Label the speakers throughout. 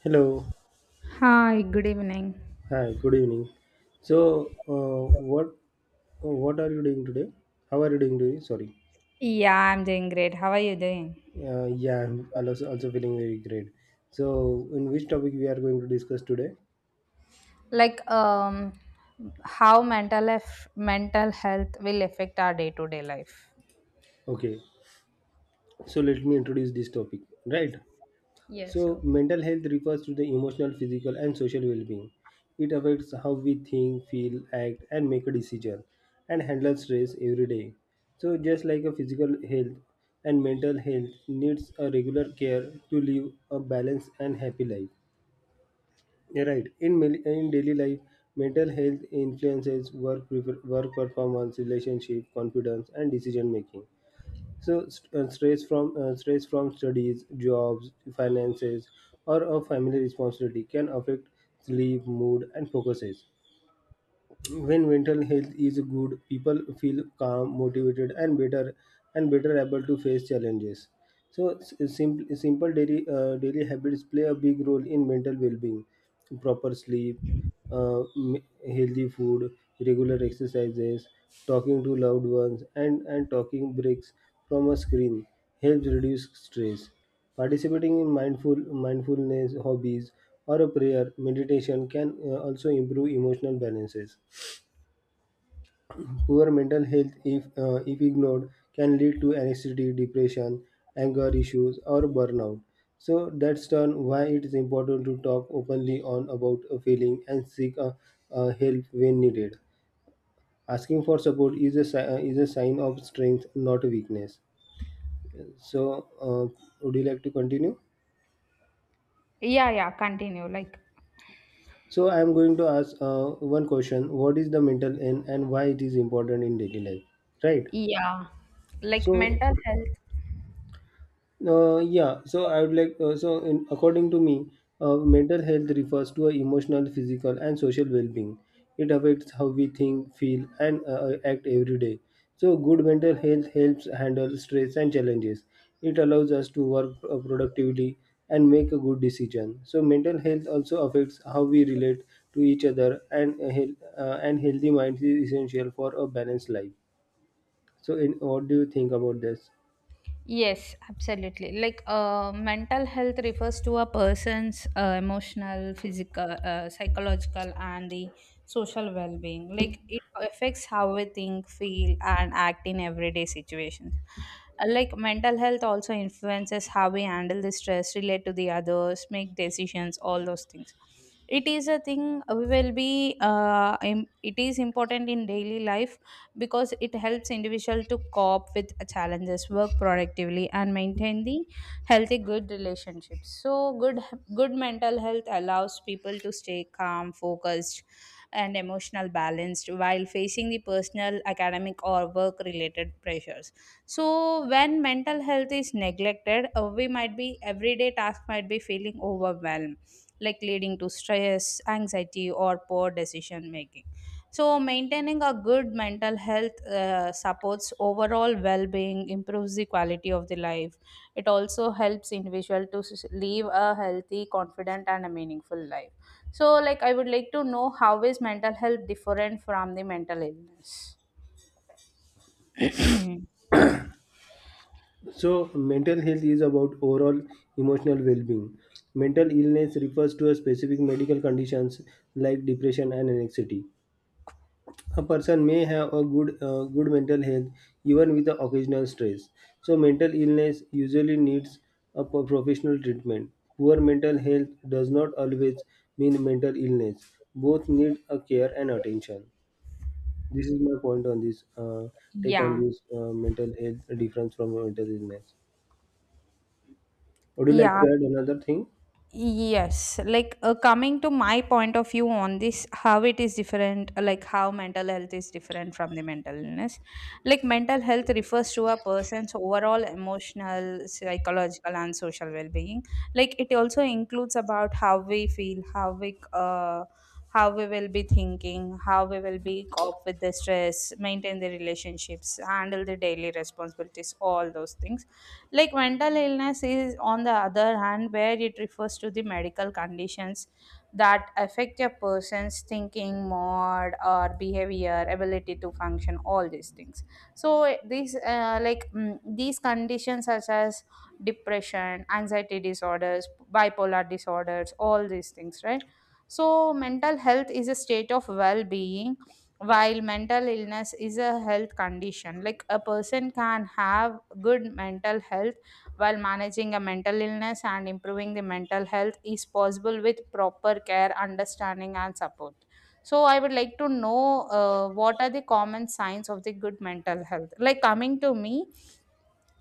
Speaker 1: Hello.
Speaker 2: Hi, good evening.
Speaker 1: Hi. Good evening. So, uh, what what are you doing today? How are you doing today? Sorry.
Speaker 2: Yeah, I'm doing great. How are you doing?
Speaker 1: Yeah, I'm also feeling very great. So, in which topic we are going to discuss today?
Speaker 2: Like, how mental health will affect our day-to-day life?
Speaker 1: Okay. So let me introduce this topic. Right.
Speaker 2: Yes,
Speaker 1: So,
Speaker 2: okay.
Speaker 1: mental health refers to the emotional, physical, and social well being. It affects how we think, feel, act, and make a decision and handle stress every day. So, just like a physical health and mental health needs a regular care to live a balanced and happy life. Yeah, right. In daily life, mental health influences work, work performance, relationship, confidence, and decision making. So stress from studies, jobs, finances, or a family responsibility can affect sleep, mood, and focuses. When mental health is good, people feel calm, motivated, and better, and better able to face challenges. So simple daily daily habits play a big role in mental well-being. Proper sleep, healthy food, regular exercises, talking to loved ones, and talking breaks from a screen helps reduce stress. Participating in mindfulness hobbies or a prayer meditation can also improve emotional balances. Poor mental health, if ignored, can lead to anxiety, depression, anger issues, or burnout. So that's done why it is important to talk openly on about a feeling and seek help when needed. Asking for support is a is a sign of strength, not weakness. So, would you like to continue?
Speaker 2: Yeah, yeah, continue. Like,
Speaker 1: So, I am going to ask one question: what is the mental health and why it is important in daily life? Right.
Speaker 2: yeah, like
Speaker 1: So,
Speaker 2: mental health.
Speaker 1: Yeah, so I would like, so in, according to me, mental health refers to a emotional, physical, and social well being. It affects how we think, feel, and act every day. So, good mental health helps handle stress and challenges. It allows us to work productively and make a good decision. So, mental health also affects how we relate to each other, and healthy mind is essential for a balanced life. So, what do you think about this?
Speaker 2: Yes, absolutely. Like, mental health refers to a person's emotional, physical, psychological, and the social well being. Like, it affects how we think, feel, and act in everyday situations. Like, mental health also influences how we handle the stress, relate to the others, make decisions, all those things. It is a thing, we will be, im- it is important in daily life because it helps individual to cope with challenges, work productively, and maintain the healthy good relationships. So good mental health allows people to stay calm, focused, and emotional balanced while facing the personal, academic, or work related pressures. So when mental health is neglected, we might be everyday task might be feeling overwhelmed, like leading to stress, anxiety, or poor decision making. So maintaining a good mental health supports overall well being, improves the quality of the life. It also helps individual to live a healthy, confident, and a meaningful life. So, like, I would like to know, how is mental health different from the mental illness?
Speaker 1: So, mental health is about overall emotional well being. Mental illness refers to a specific medical conditions like depression and anxiety. A person may have a good mental health even with the occasional stress. So, mental illness usually needs a professional treatment. Poor mental health does not always mean mental illness. Both need a care and attention. This is my point on this. Take on
Speaker 2: Yeah.
Speaker 1: this mental health difference from mental illness. Would you like
Speaker 2: Yeah,
Speaker 1: to add another thing?
Speaker 2: yes, like coming to my point of view on this, how it is different, like how mental health is different from the mental illness. Like mental health refers to a person's overall emotional, psychological, and social well-being. Like it also includes about how we feel, how we will be thinking, how we will be cope with the stress, maintain the relationships, handle the daily responsibilities, all those things. Like mental illness is, on the other hand, where it refers to the medical conditions that affect a person's thinking, mood, or behavior, ability to function, all these things. So these, like these conditions, such as depression, anxiety disorders, bipolar disorders, all these things, right? So mental health is a state of well-being, while mental illness is a health condition. Like a person can have good mental health while managing a mental illness, and improving the mental health is possible with proper care, understanding, and support. So I would like to know, what are the common signs of the good mental health? Like coming to me,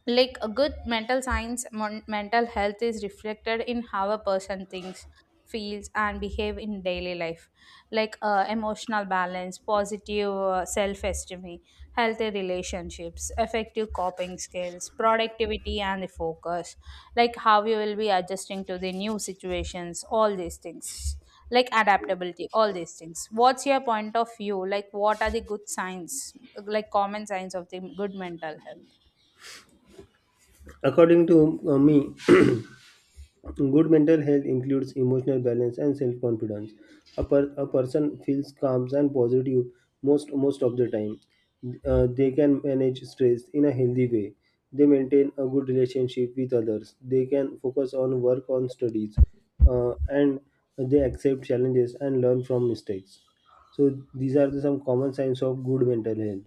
Speaker 2: like a good mental health is reflected in how a person thinks, feels, and behave in daily life. Like emotional balance, positive self-esteem, healthy relationships, effective coping skills, productivity, and the focus, like how you will be adjusting to the new situations, all these things, like adaptability, all these things. What's your point of view? Like what are the good signs, like common signs of the good mental health?
Speaker 1: According to me, good mental health includes emotional balance and self confidence. A person feels calm and positive most of the time. They can manage stress in a healthy way. They maintain a good relationship with others. They can focus on work on studies, and they accept challenges and learn from mistakes. So these are the some common signs of good mental health.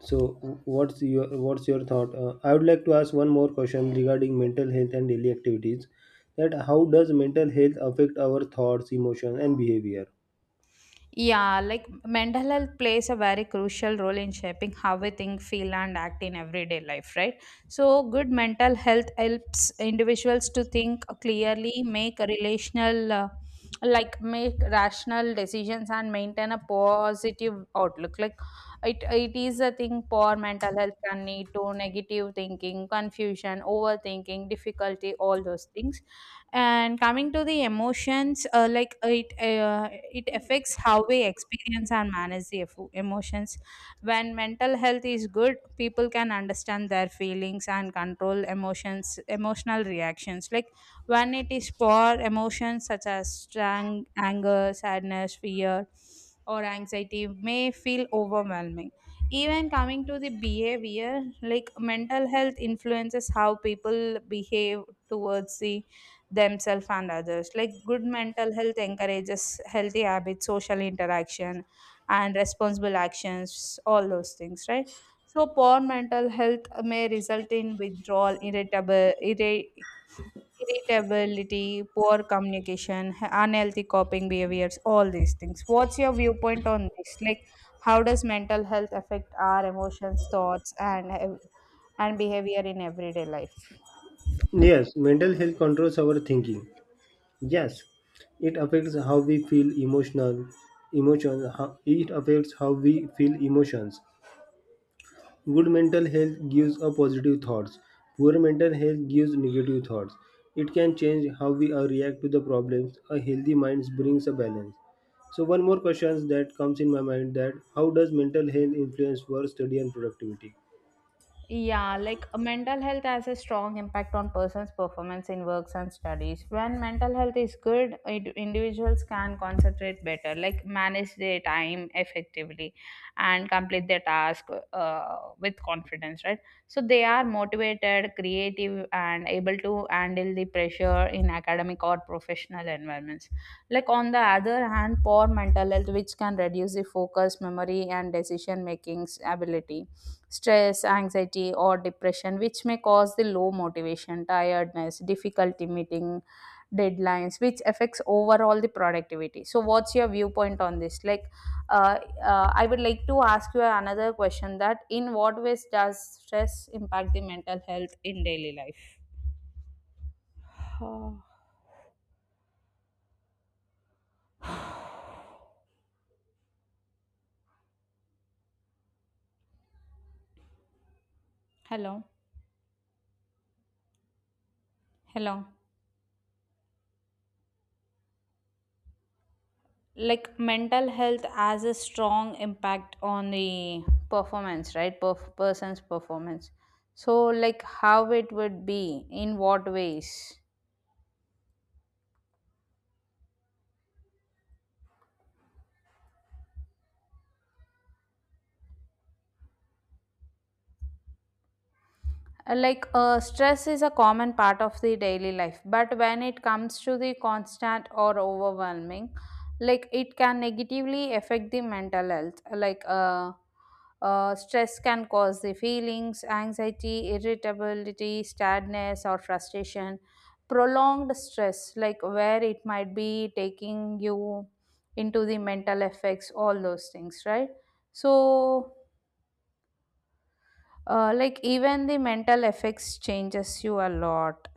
Speaker 1: So, what's your thought? I would like to ask one more question regarding mental health and daily activities. That how does mental health affect our thoughts, emotion, and behavior?
Speaker 2: Yeah, like mental health plays a very crucial role in shaping how we think, feel, and act in everyday life, right? So good mental health helps individuals to think clearly, make a relational, like make rational decisions, and maintain a positive outlook. Like it is a thing. Poor mental health can lead to negative thinking, confusion, overthinking, difficulty, all those things. And coming to the emotions, it affects how we experience and manage the emotions. When mental health is good, people can understand their feelings and control emotions, emotional reactions. Like when it is poor, emotions such as strong anger, sadness, fear, or anxiety may feel overwhelming. Even coming to the behavior, like mental health influences how people behave towards the themselves and others. Like good mental health encourages healthy habits, social interaction, and responsible actions, all those things, right? So poor mental health may result in withdrawal, irritability, poor communication, unhealthy coping behaviors, all these things. What's your viewpoint on this? Like how does mental health affect our emotions, thoughts, and and behavior in everyday life?
Speaker 1: Yes, mental health controls our thinking. Yes, it affects how we feel emotions. It affects how we feel emotions. Good mental health gives a positive thoughts. Poor mental health gives negative thoughts. It can change how we react to the problems. A healthy mind brings a balance. So one more question that comes in my mind that how does mental health influence work study and productivity?
Speaker 2: Yeah, like mental health has a strong impact on person's performance in works and studies. When mental health is good, individuals can concentrate better, like manage their time effectively and complete their task with confidence, right? So they are motivated, creative, and able to handle the pressure in academic or professional environments. Like, on the other hand, poor mental health, which can reduce the focus, memory, and decision making's ability, stress, anxiety, or depression, which may cause the low motivation, tiredness, difficulty meeting deadlines, which affects overall the productivity. So what's your viewpoint on this? Like, uh, I would like to ask you another question, that in what ways does stress impact the mental health in daily life? Uh, Hello? Hello? Like mental health has a strong impact on the performance, right? Person's performance. So like how it would be, in what ways? Like stress is a common part of the daily life, but when it comes to the constant or overwhelming, like it can negatively affect the mental health. Stress can cause the feelings, anxiety, irritability, sadness, or frustration. Prolonged stress, like where it might be taking you into the mental effects, all those things, right? So like even the mental effects changes you a lot.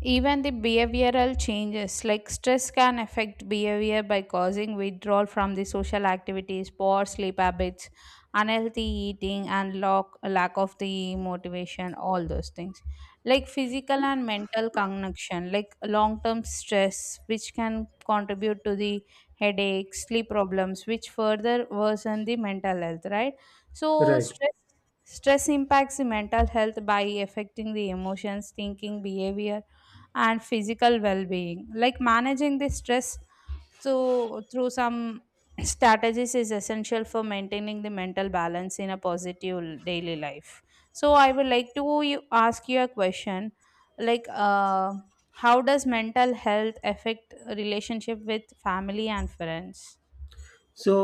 Speaker 2: Even the behavioral changes, like stress can affect behavior by causing withdrawal from the social activities, poor sleep habits, unhealthy eating, and lack of the motivation, all those things. Like physical and mental connection, like long term stress, which can contribute to the headaches, sleep problems, which further worsen the mental health, right? So
Speaker 1: Right.
Speaker 2: stress. Stress impacts the mental health by affecting the emotions, thinking, behavior, and physical well-being. Like managing the stress so through some strategies is essential for maintaining the mental balance in a positive daily life. So I would like to you ask you a question, like how does mental health affect relationship with family and friends?
Speaker 1: So,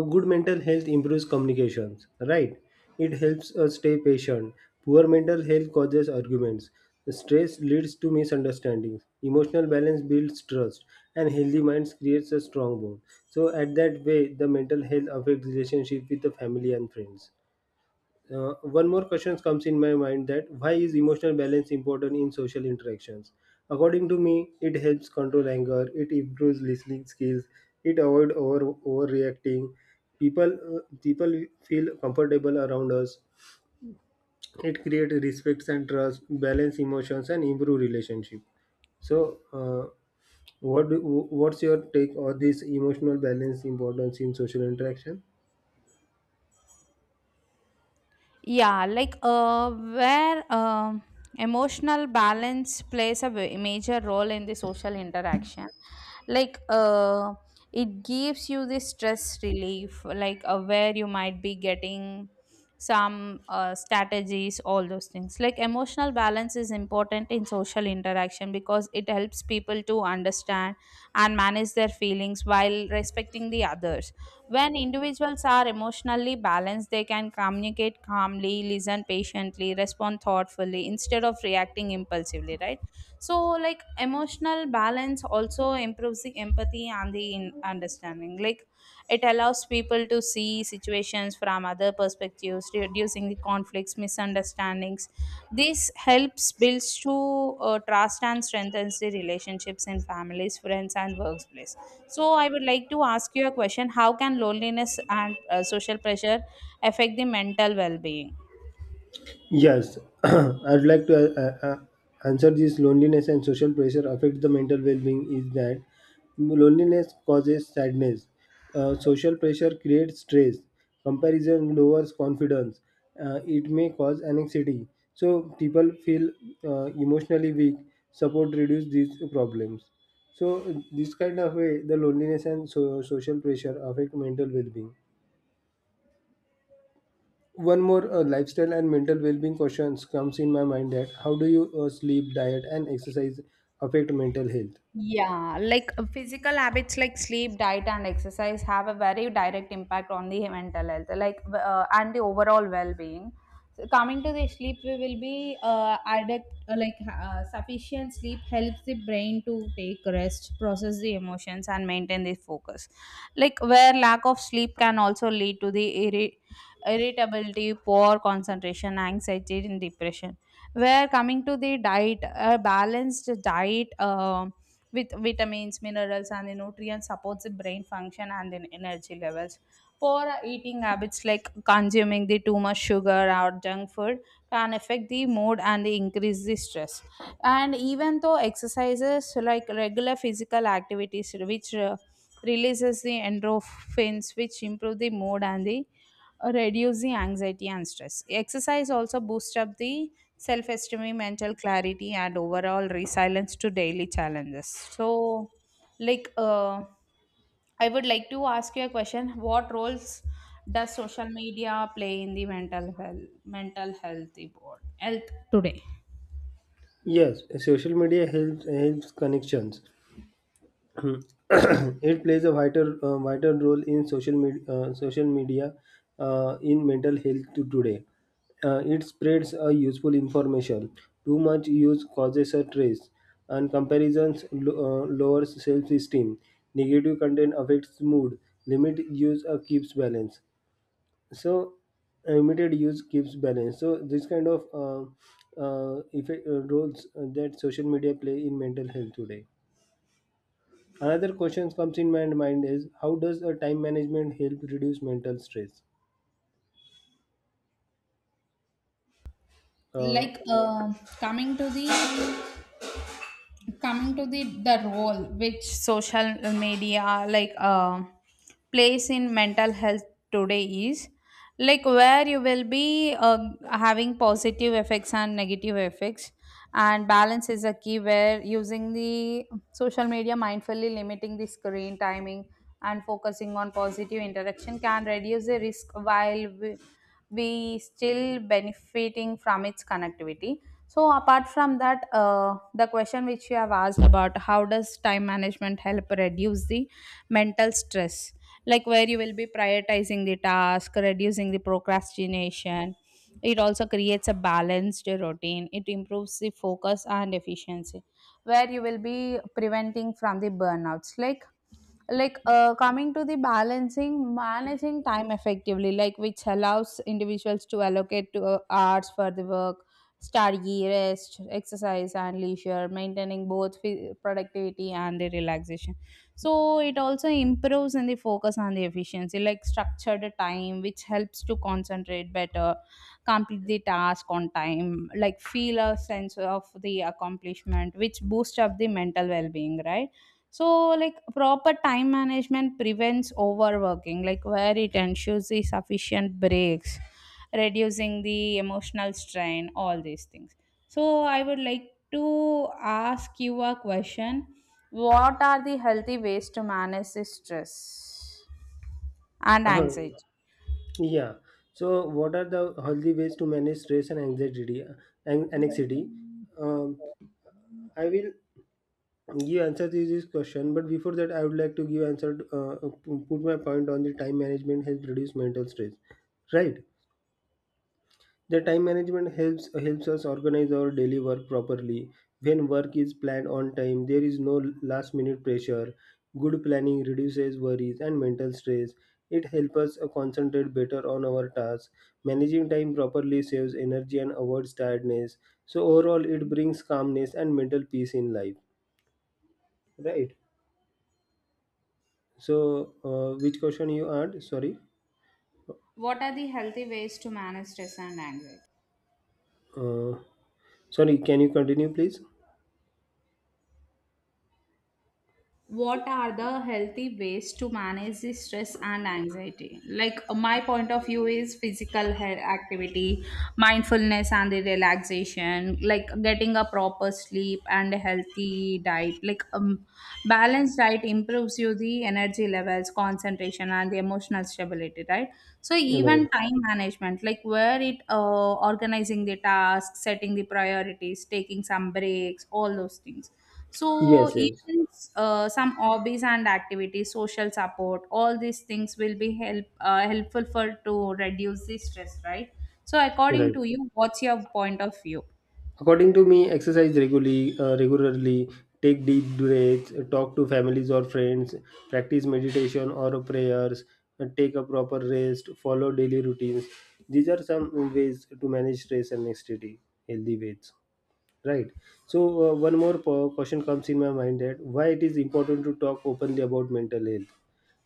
Speaker 1: good mental health improves communications, right? It helps us stay patient. Poor mental health causes arguments. Stress leads to misunderstandings. Emotional balance builds trust, and healthy minds creates a strong bond. So, at that way, the mental health affects relationship with the family and friends. One more question comes in my mind that why is emotional balance important in social interactions? According to me, it helps control anger, it improves listening skills, it avoid overreacting. People feel comfortable around us. It create respect and trust, balance emotions, and improve relationship. So, what do, what's your take on this emotional balance importance in social interaction?
Speaker 2: Yeah, like where emotional balance plays a major role in the social interaction. Like it gives you the stress relief, like where you might be getting some strategies, all those things. Like emotional balance is important in social interaction because it helps people to understand and manage their feelings while respecting the others. When individuals are emotionally balanced, they can communicate calmly, listen patiently, respond thoughtfully instead of reacting impulsively, right? So like emotional balance also improves the empathy and the understanding. Like it allows people to see situations from other perspectives, reducing the conflicts, misunderstandings. This helps builds to trust and strengthens the relationships in families, friends, and workplace. So I would like to ask you a question. How can loneliness and social pressure affect the mental well-being?
Speaker 1: Yes, I'd like to answer this loneliness and social pressure affect the mental well-being is that loneliness causes sadness. Social pressure creates stress. Comparison lowers confidence. It may cause anxiety. So people feel emotionally weak. Support reduce these problems. So this kind of way, the loneliness and social pressure affect mental well-being. One more lifestyle and mental well-being questions comes in my mind that how do you sleep diet and exercise affect mental health.
Speaker 2: Yeah, like physical habits like sleep, diet, and exercise have a very direct impact on the mental health, like and the overall well-being. So coming to the sleep, we will be addict, like sufficient sleep helps the brain to take rest, process the emotions, and maintain the focus. Like where lack of sleep can also lead to the irritability, poor concentration, anxiety, and depression. Where coming to the diet, a balanced diet with vitamins, minerals, and the nutrients supports the brain function and the energy levels. Poor eating habits like consuming the too much sugar or junk food can affect the mood and increase the stress. And even though exercises like regular physical activities, which releases the endorphins, which improve the mood and the reduce the anxiety and stress. Exercise also boosts up the self esteem, mental clarity, and overall resilience to daily challenges. So like, I would like to ask you a question. What roles does social media play in the mental health today?
Speaker 1: Yes, social media helps connections. Hmm. It plays a vital role in social media in mental health to today. It spreads a useful information. Too much use causes a stress, and comparisons lowers self esteem. Negative content affects mood. Limit use keeps balance. So limited use keeps balance. So this kind of uh, roles that social media play in mental health today. Another question comes in my mind is how does a time management help reduce mental stress. uh,
Speaker 2: Like, coming to the, coming to the the role which social media, like plays in mental health today, is like where you will be having positive effects and negative effects, and balance is a key, where using the social media mindfully, limiting the screen timing, and focusing on positive interaction can reduce the risk while we still benefiting from its connectivity. So apart from that, the question which you have asked about, how does time management help reduce the mental stress, like where you will be prioritizing the task, reducing the procrastination, it also creates a balanced routine, it improves the focus and efficiency, where you will be preventing from the burnouts. Like, coming to the balancing, managing time effectively, like which allows individuals to allocate to hours for the work, study, rest, exercise, and leisure, maintaining both productivity and the relaxation. So it also improves in the focus and the efficiency, like structured time, which helps to concentrate better, complete the task on time, like feel a sense of the accomplishment, which boosts up the mental well-being, right? So, like proper time management prevents overworking, like where it ensures the sufficient breaks, reducing the emotional strain, all these things. So, I would like to ask you a question. What are the healthy ways to manage the stress and anxiety?
Speaker 1: yeah, so what are the healthy ways to manage stress and anxiety and anxiety um, I will give answer to this question, but before that I would like to give answer to, put my point on the time management help reduce mental stress. Right. The time management helps us organize our daily work properly. When work is planned on time, there is no last minute pressure. Good planning reduces worries and mental stress. It helps us concentrate better on our tasks. Managing time properly saves energy and avoids tiredness. So overall, it brings calmness and mental peace in life. Right. So, which question you asked? Sorry.
Speaker 2: What are the healthy ways to manage stress and anxiety?
Speaker 1: Uh, sorry. Can you continue, please?
Speaker 2: What are the healthy ways to manage the stress and anxiety? Like my point of view is physical health activity, mindfulness, and the relaxation, like getting a proper sleep and a healthy diet. Like balanced diet improves you the energy levels, concentration, and the emotional stability, right? So
Speaker 1: Right.
Speaker 2: even time management, like where it organizing the tasks, setting the priorities, taking some breaks, all those things. So
Speaker 1: Yes. Yes.
Speaker 2: even some hobbies and activities, social support, all these things will be help, helpful for to reduce the stress, right? So according
Speaker 1: Right.
Speaker 2: to you, what's your point of view?
Speaker 1: According to me, exercise regularly, take deep breaths, talk to families or friends, practice meditation or prayers, and take a proper rest, follow daily routines. These are some ways to manage stress and anxiety, healthy ways. Right. So one more question comes in my mind that why it is important to talk openly about mental health.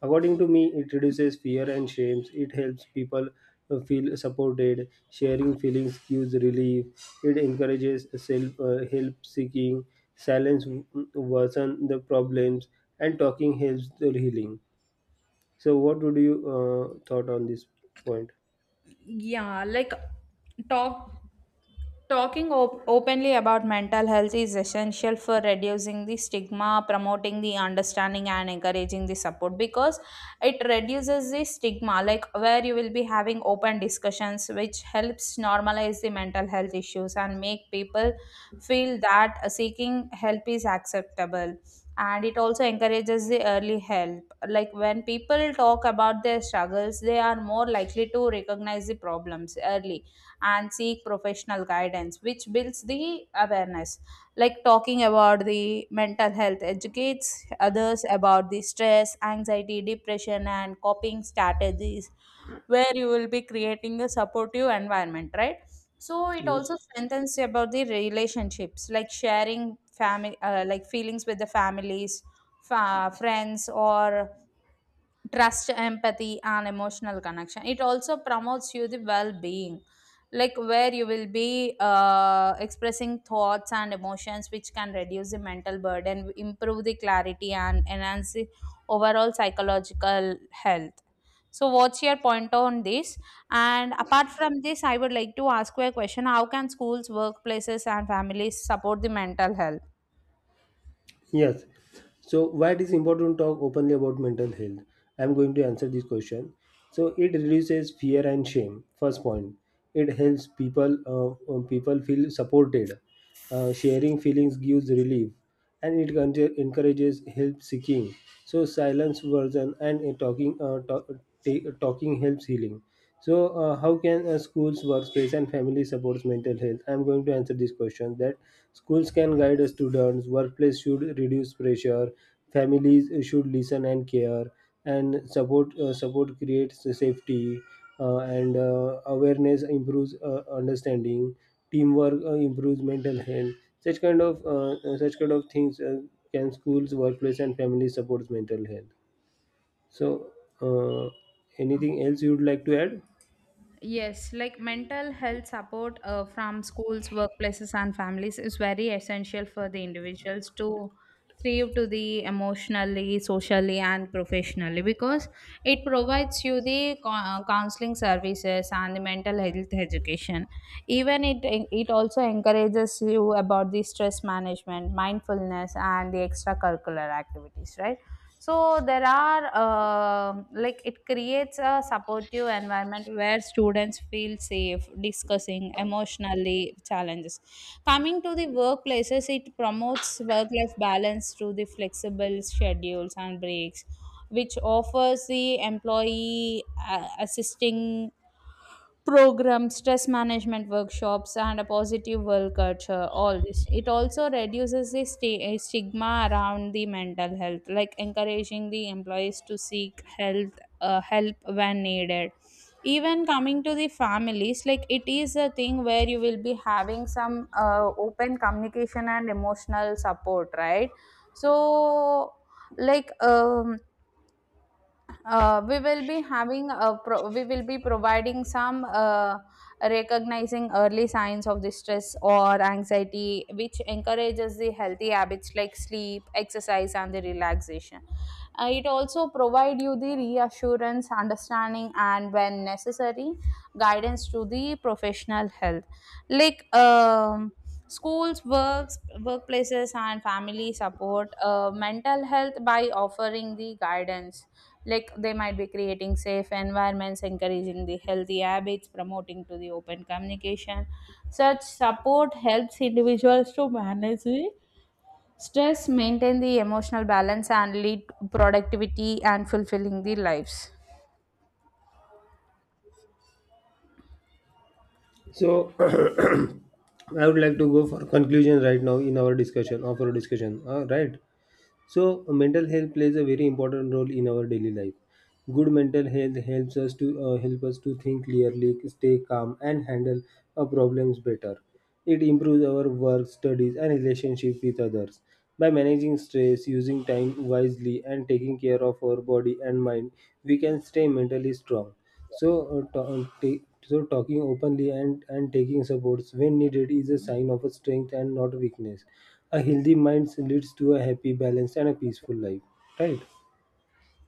Speaker 1: According to me, it reduces fear and shame. It helps people feel supported. Sharing feelings gives relief, it encourages self help seeking. Silence worsen the problems, and talking helps the healing. So, what would you thought on this point?
Speaker 2: Yeah, like talk Talking openly about mental health is essential for reducing the stigma, promoting the understanding, and encouraging the support, because it reduces the stigma, like where you will be having open discussions, which helps normalize the mental health issues and make people feel that seeking help is acceptable. And it also encourages the early help. Like when people talk about their struggles, they are more likely to recognize the problems early and seek professional guidance, which builds the awareness. Like talking about the mental health educates others about the stress, anxiety, depression, and coping strategies, where you will be creating a supportive environment, right? So it also strengthens about the relationships, like sharing family, like feelings with the families, friends, or trust, empathy, and emotional connection. It also promotes you the well-being, like where you will be expressing thoughts and emotions, which can reduce the mental burden, improve the clarity, and enhance the overall psychological health. So what's your point on this? And apart from this, I would like to ask you a question. How can schools, workplaces, and families support the mental health?
Speaker 1: Yes. So why it is important to talk openly about mental health? I'm going to answer this question. So it reduces fear and shame. First point, it helps people people feel supported. Sharing feelings gives relief, and it encourages help seeking. So silence version and talking helps healing. So, how can schools, workplace, and family supports mental health? I'm going to answer this question. That schools can guide students, workplace should reduce pressure, families should listen and care, and support creates safety, and awareness improves understanding, teamwork improves mental health. Such kind of things can schools, workplace, and family supports mental health. So, uh, anything else you would like to add?
Speaker 2: Yes, like mental health support from schools, workplaces, and families is very essential for the individuals to thrive to the emotionally, socially, and professionally, because it provides you the counseling services and the mental health education. Even it it also encourages you about the stress management, mindfulness, and the extracurricular activities, right? So there are, like it creates a supportive environment where students feel safe discussing emotionally challenges. Coming to the workplaces, it promotes work-life balance through the flexible schedules and breaks, which offers the employee assisting programs, stress management workshops, and a positive work culture. All this, it also reduces the stigma around the mental health, like encouraging the employees to seek health, help when needed. Even coming to the families, like it is a thing where you will be having some open communication and emotional support, right? So, like we will be having a we will be providing some, recognizing early signs of distress or anxiety, which encourages the healthy habits like sleep, exercise, and the relaxation. It also provide you the reassurance, understanding, and when necessary, guidance to the professional health. Like schools, works workplaces, and family support mental health by offering the guidance, like they might be creating safe environments, encouraging the healthy habits, promoting to the open communication. Such support helps individuals to manage the stress, maintain the emotional balance, and lead productivity and fulfilling the lives.
Speaker 1: So I would like to go for conclusion right now in our discussion right. So mental health plays a very important role in our daily life. Good mental health helps us to help us to think clearly, stay calm, and handle our problems better. It improves our work, studies, and relationship with others. By managing stress, using time wisely, and taking care of our body and mind, we can stay mentally strong. So, talking openly and, taking supports when needed is a sign of a strength and not a weakness. A healthy mind leads to a happy, balanced, and a peaceful life. Right.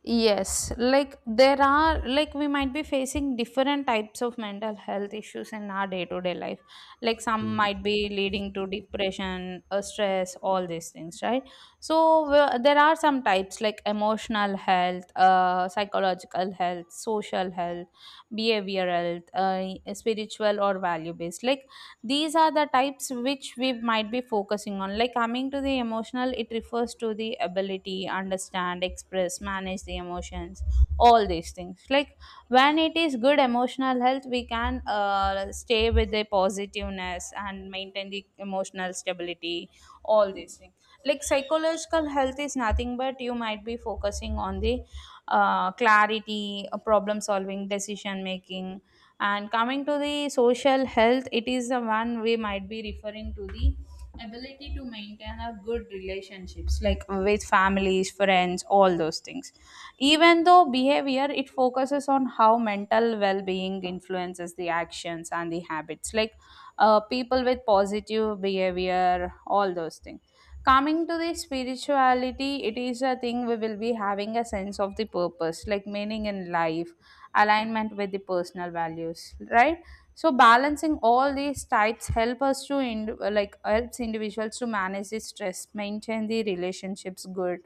Speaker 2: Yes, like there are, like we might be facing different types of mental health issues in our day to day life. Like some might be leading to depression, stress, all these things, right? So well, there are some types like emotional health, psychological health, social health, behavioral health, spiritual or value based. Like these are the types which we might be focusing on. Like coming to the emotional, it refers to the ability understand, express, manage the emotions, all these things. Like when it is good emotional health, we can stay with the positiveness and maintain the emotional stability, all these things. Like psychological health is nothing but you might be focusing on the clarity, problem solving, decision making. And coming to the social health, it is the one we might be referring to the ability to maintain a good relationships, like with families, friends, all those things. Even though behavior, it focuses on how mental well-being influences the actions and the habits. Like people with positive behavior, all those things. Coming to the spirituality, it is a thing we will be having a sense of the purpose, like meaning in life, alignment with the personal values, right? So balancing all these types help us to like helps individuals to manage the stress, maintain the relationships good,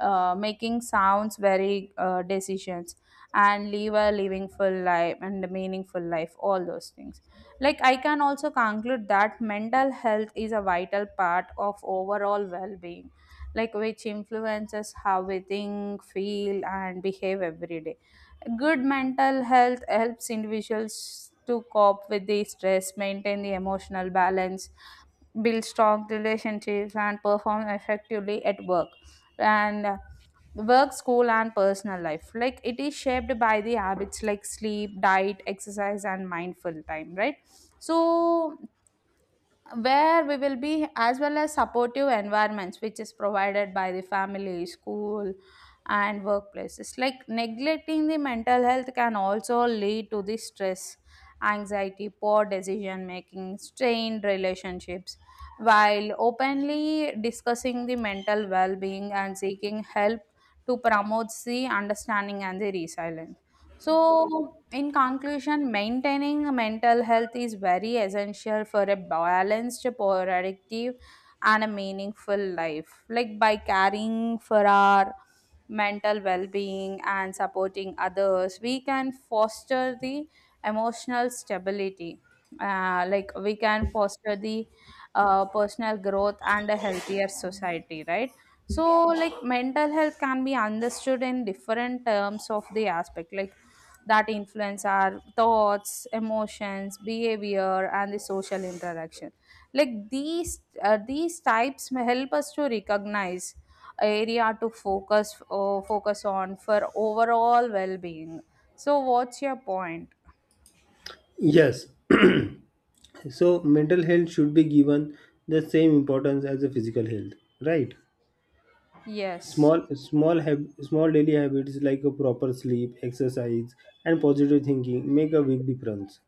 Speaker 2: making sounds very decisions, and live a living full life and a meaningful life, all those things. Like I can also conclude that mental health is a vital part of overall well-being, like which influences how we think, feel, and behave every day. Good mental health helps individuals to cope with the stress, maintain the emotional balance, build strong relationships, and perform effectively at work. And work, school, and personal life. Like it is shaped by the habits like sleep, diet, exercise, and mindful time, right? So where we will be, as well as supportive environments, which is provided by the family, school, and workplaces. Like neglecting the mental health can also lead to the stress, anxiety, poor decision making, strained relationships, while openly discussing the mental well-being and seeking help to promote the understanding and the resilience. So, in conclusion, maintaining mental health is very essential for a balanced, productive, and a meaningful life. Like by caring for our mental well being and supporting others, we can foster the emotional stability. Like we can foster the personal growth and a healthier society, right? So, like mental health can be understood in different terms of the aspect, like that influence our thoughts, emotions, behavior, and the social interaction. Like these types may help us to recognize area to focus, focus on for overall well-being. So, what's your point?
Speaker 1: Yes, so, mental health should be given the same importance as the physical health. Right.
Speaker 2: Yes.
Speaker 1: Small daily habits like a proper sleep, exercise, and positive thinking make a big difference.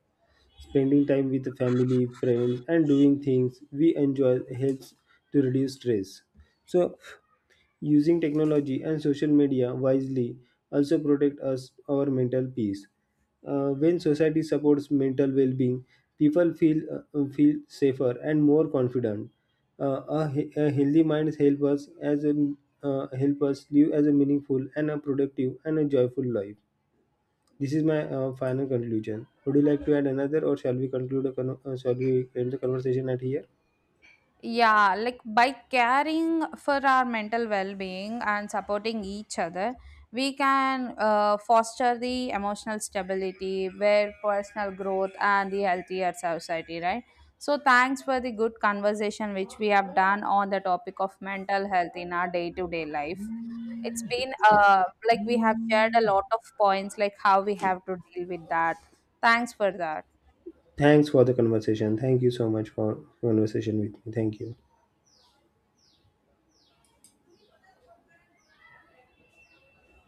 Speaker 1: Spending time with the family, friends, and doing things we enjoy helps to reduce stress. So, using technology and social media wisely also protect us our mental peace. When society supports mental well-being, people feel safer and more confident. A healthy mind helps us as a help us live as a meaningful and a productive and a joyful life. This is my final conclusion. Would you like to add another, or shall we conclude? Shall we end the conversation at here?
Speaker 2: Yeah, like by caring for our mental well being and supporting each other, we can foster the emotional stability, where personal growth, and the healthier society, right? So, thanks for the good conversation which we have done on the topic of mental health in our day to day life. It's been, like we have shared a lot of points, like how we have to deal with that. Thanks for that.
Speaker 1: Thanks for the conversation. Thank you so much for conversation with me. Thank you.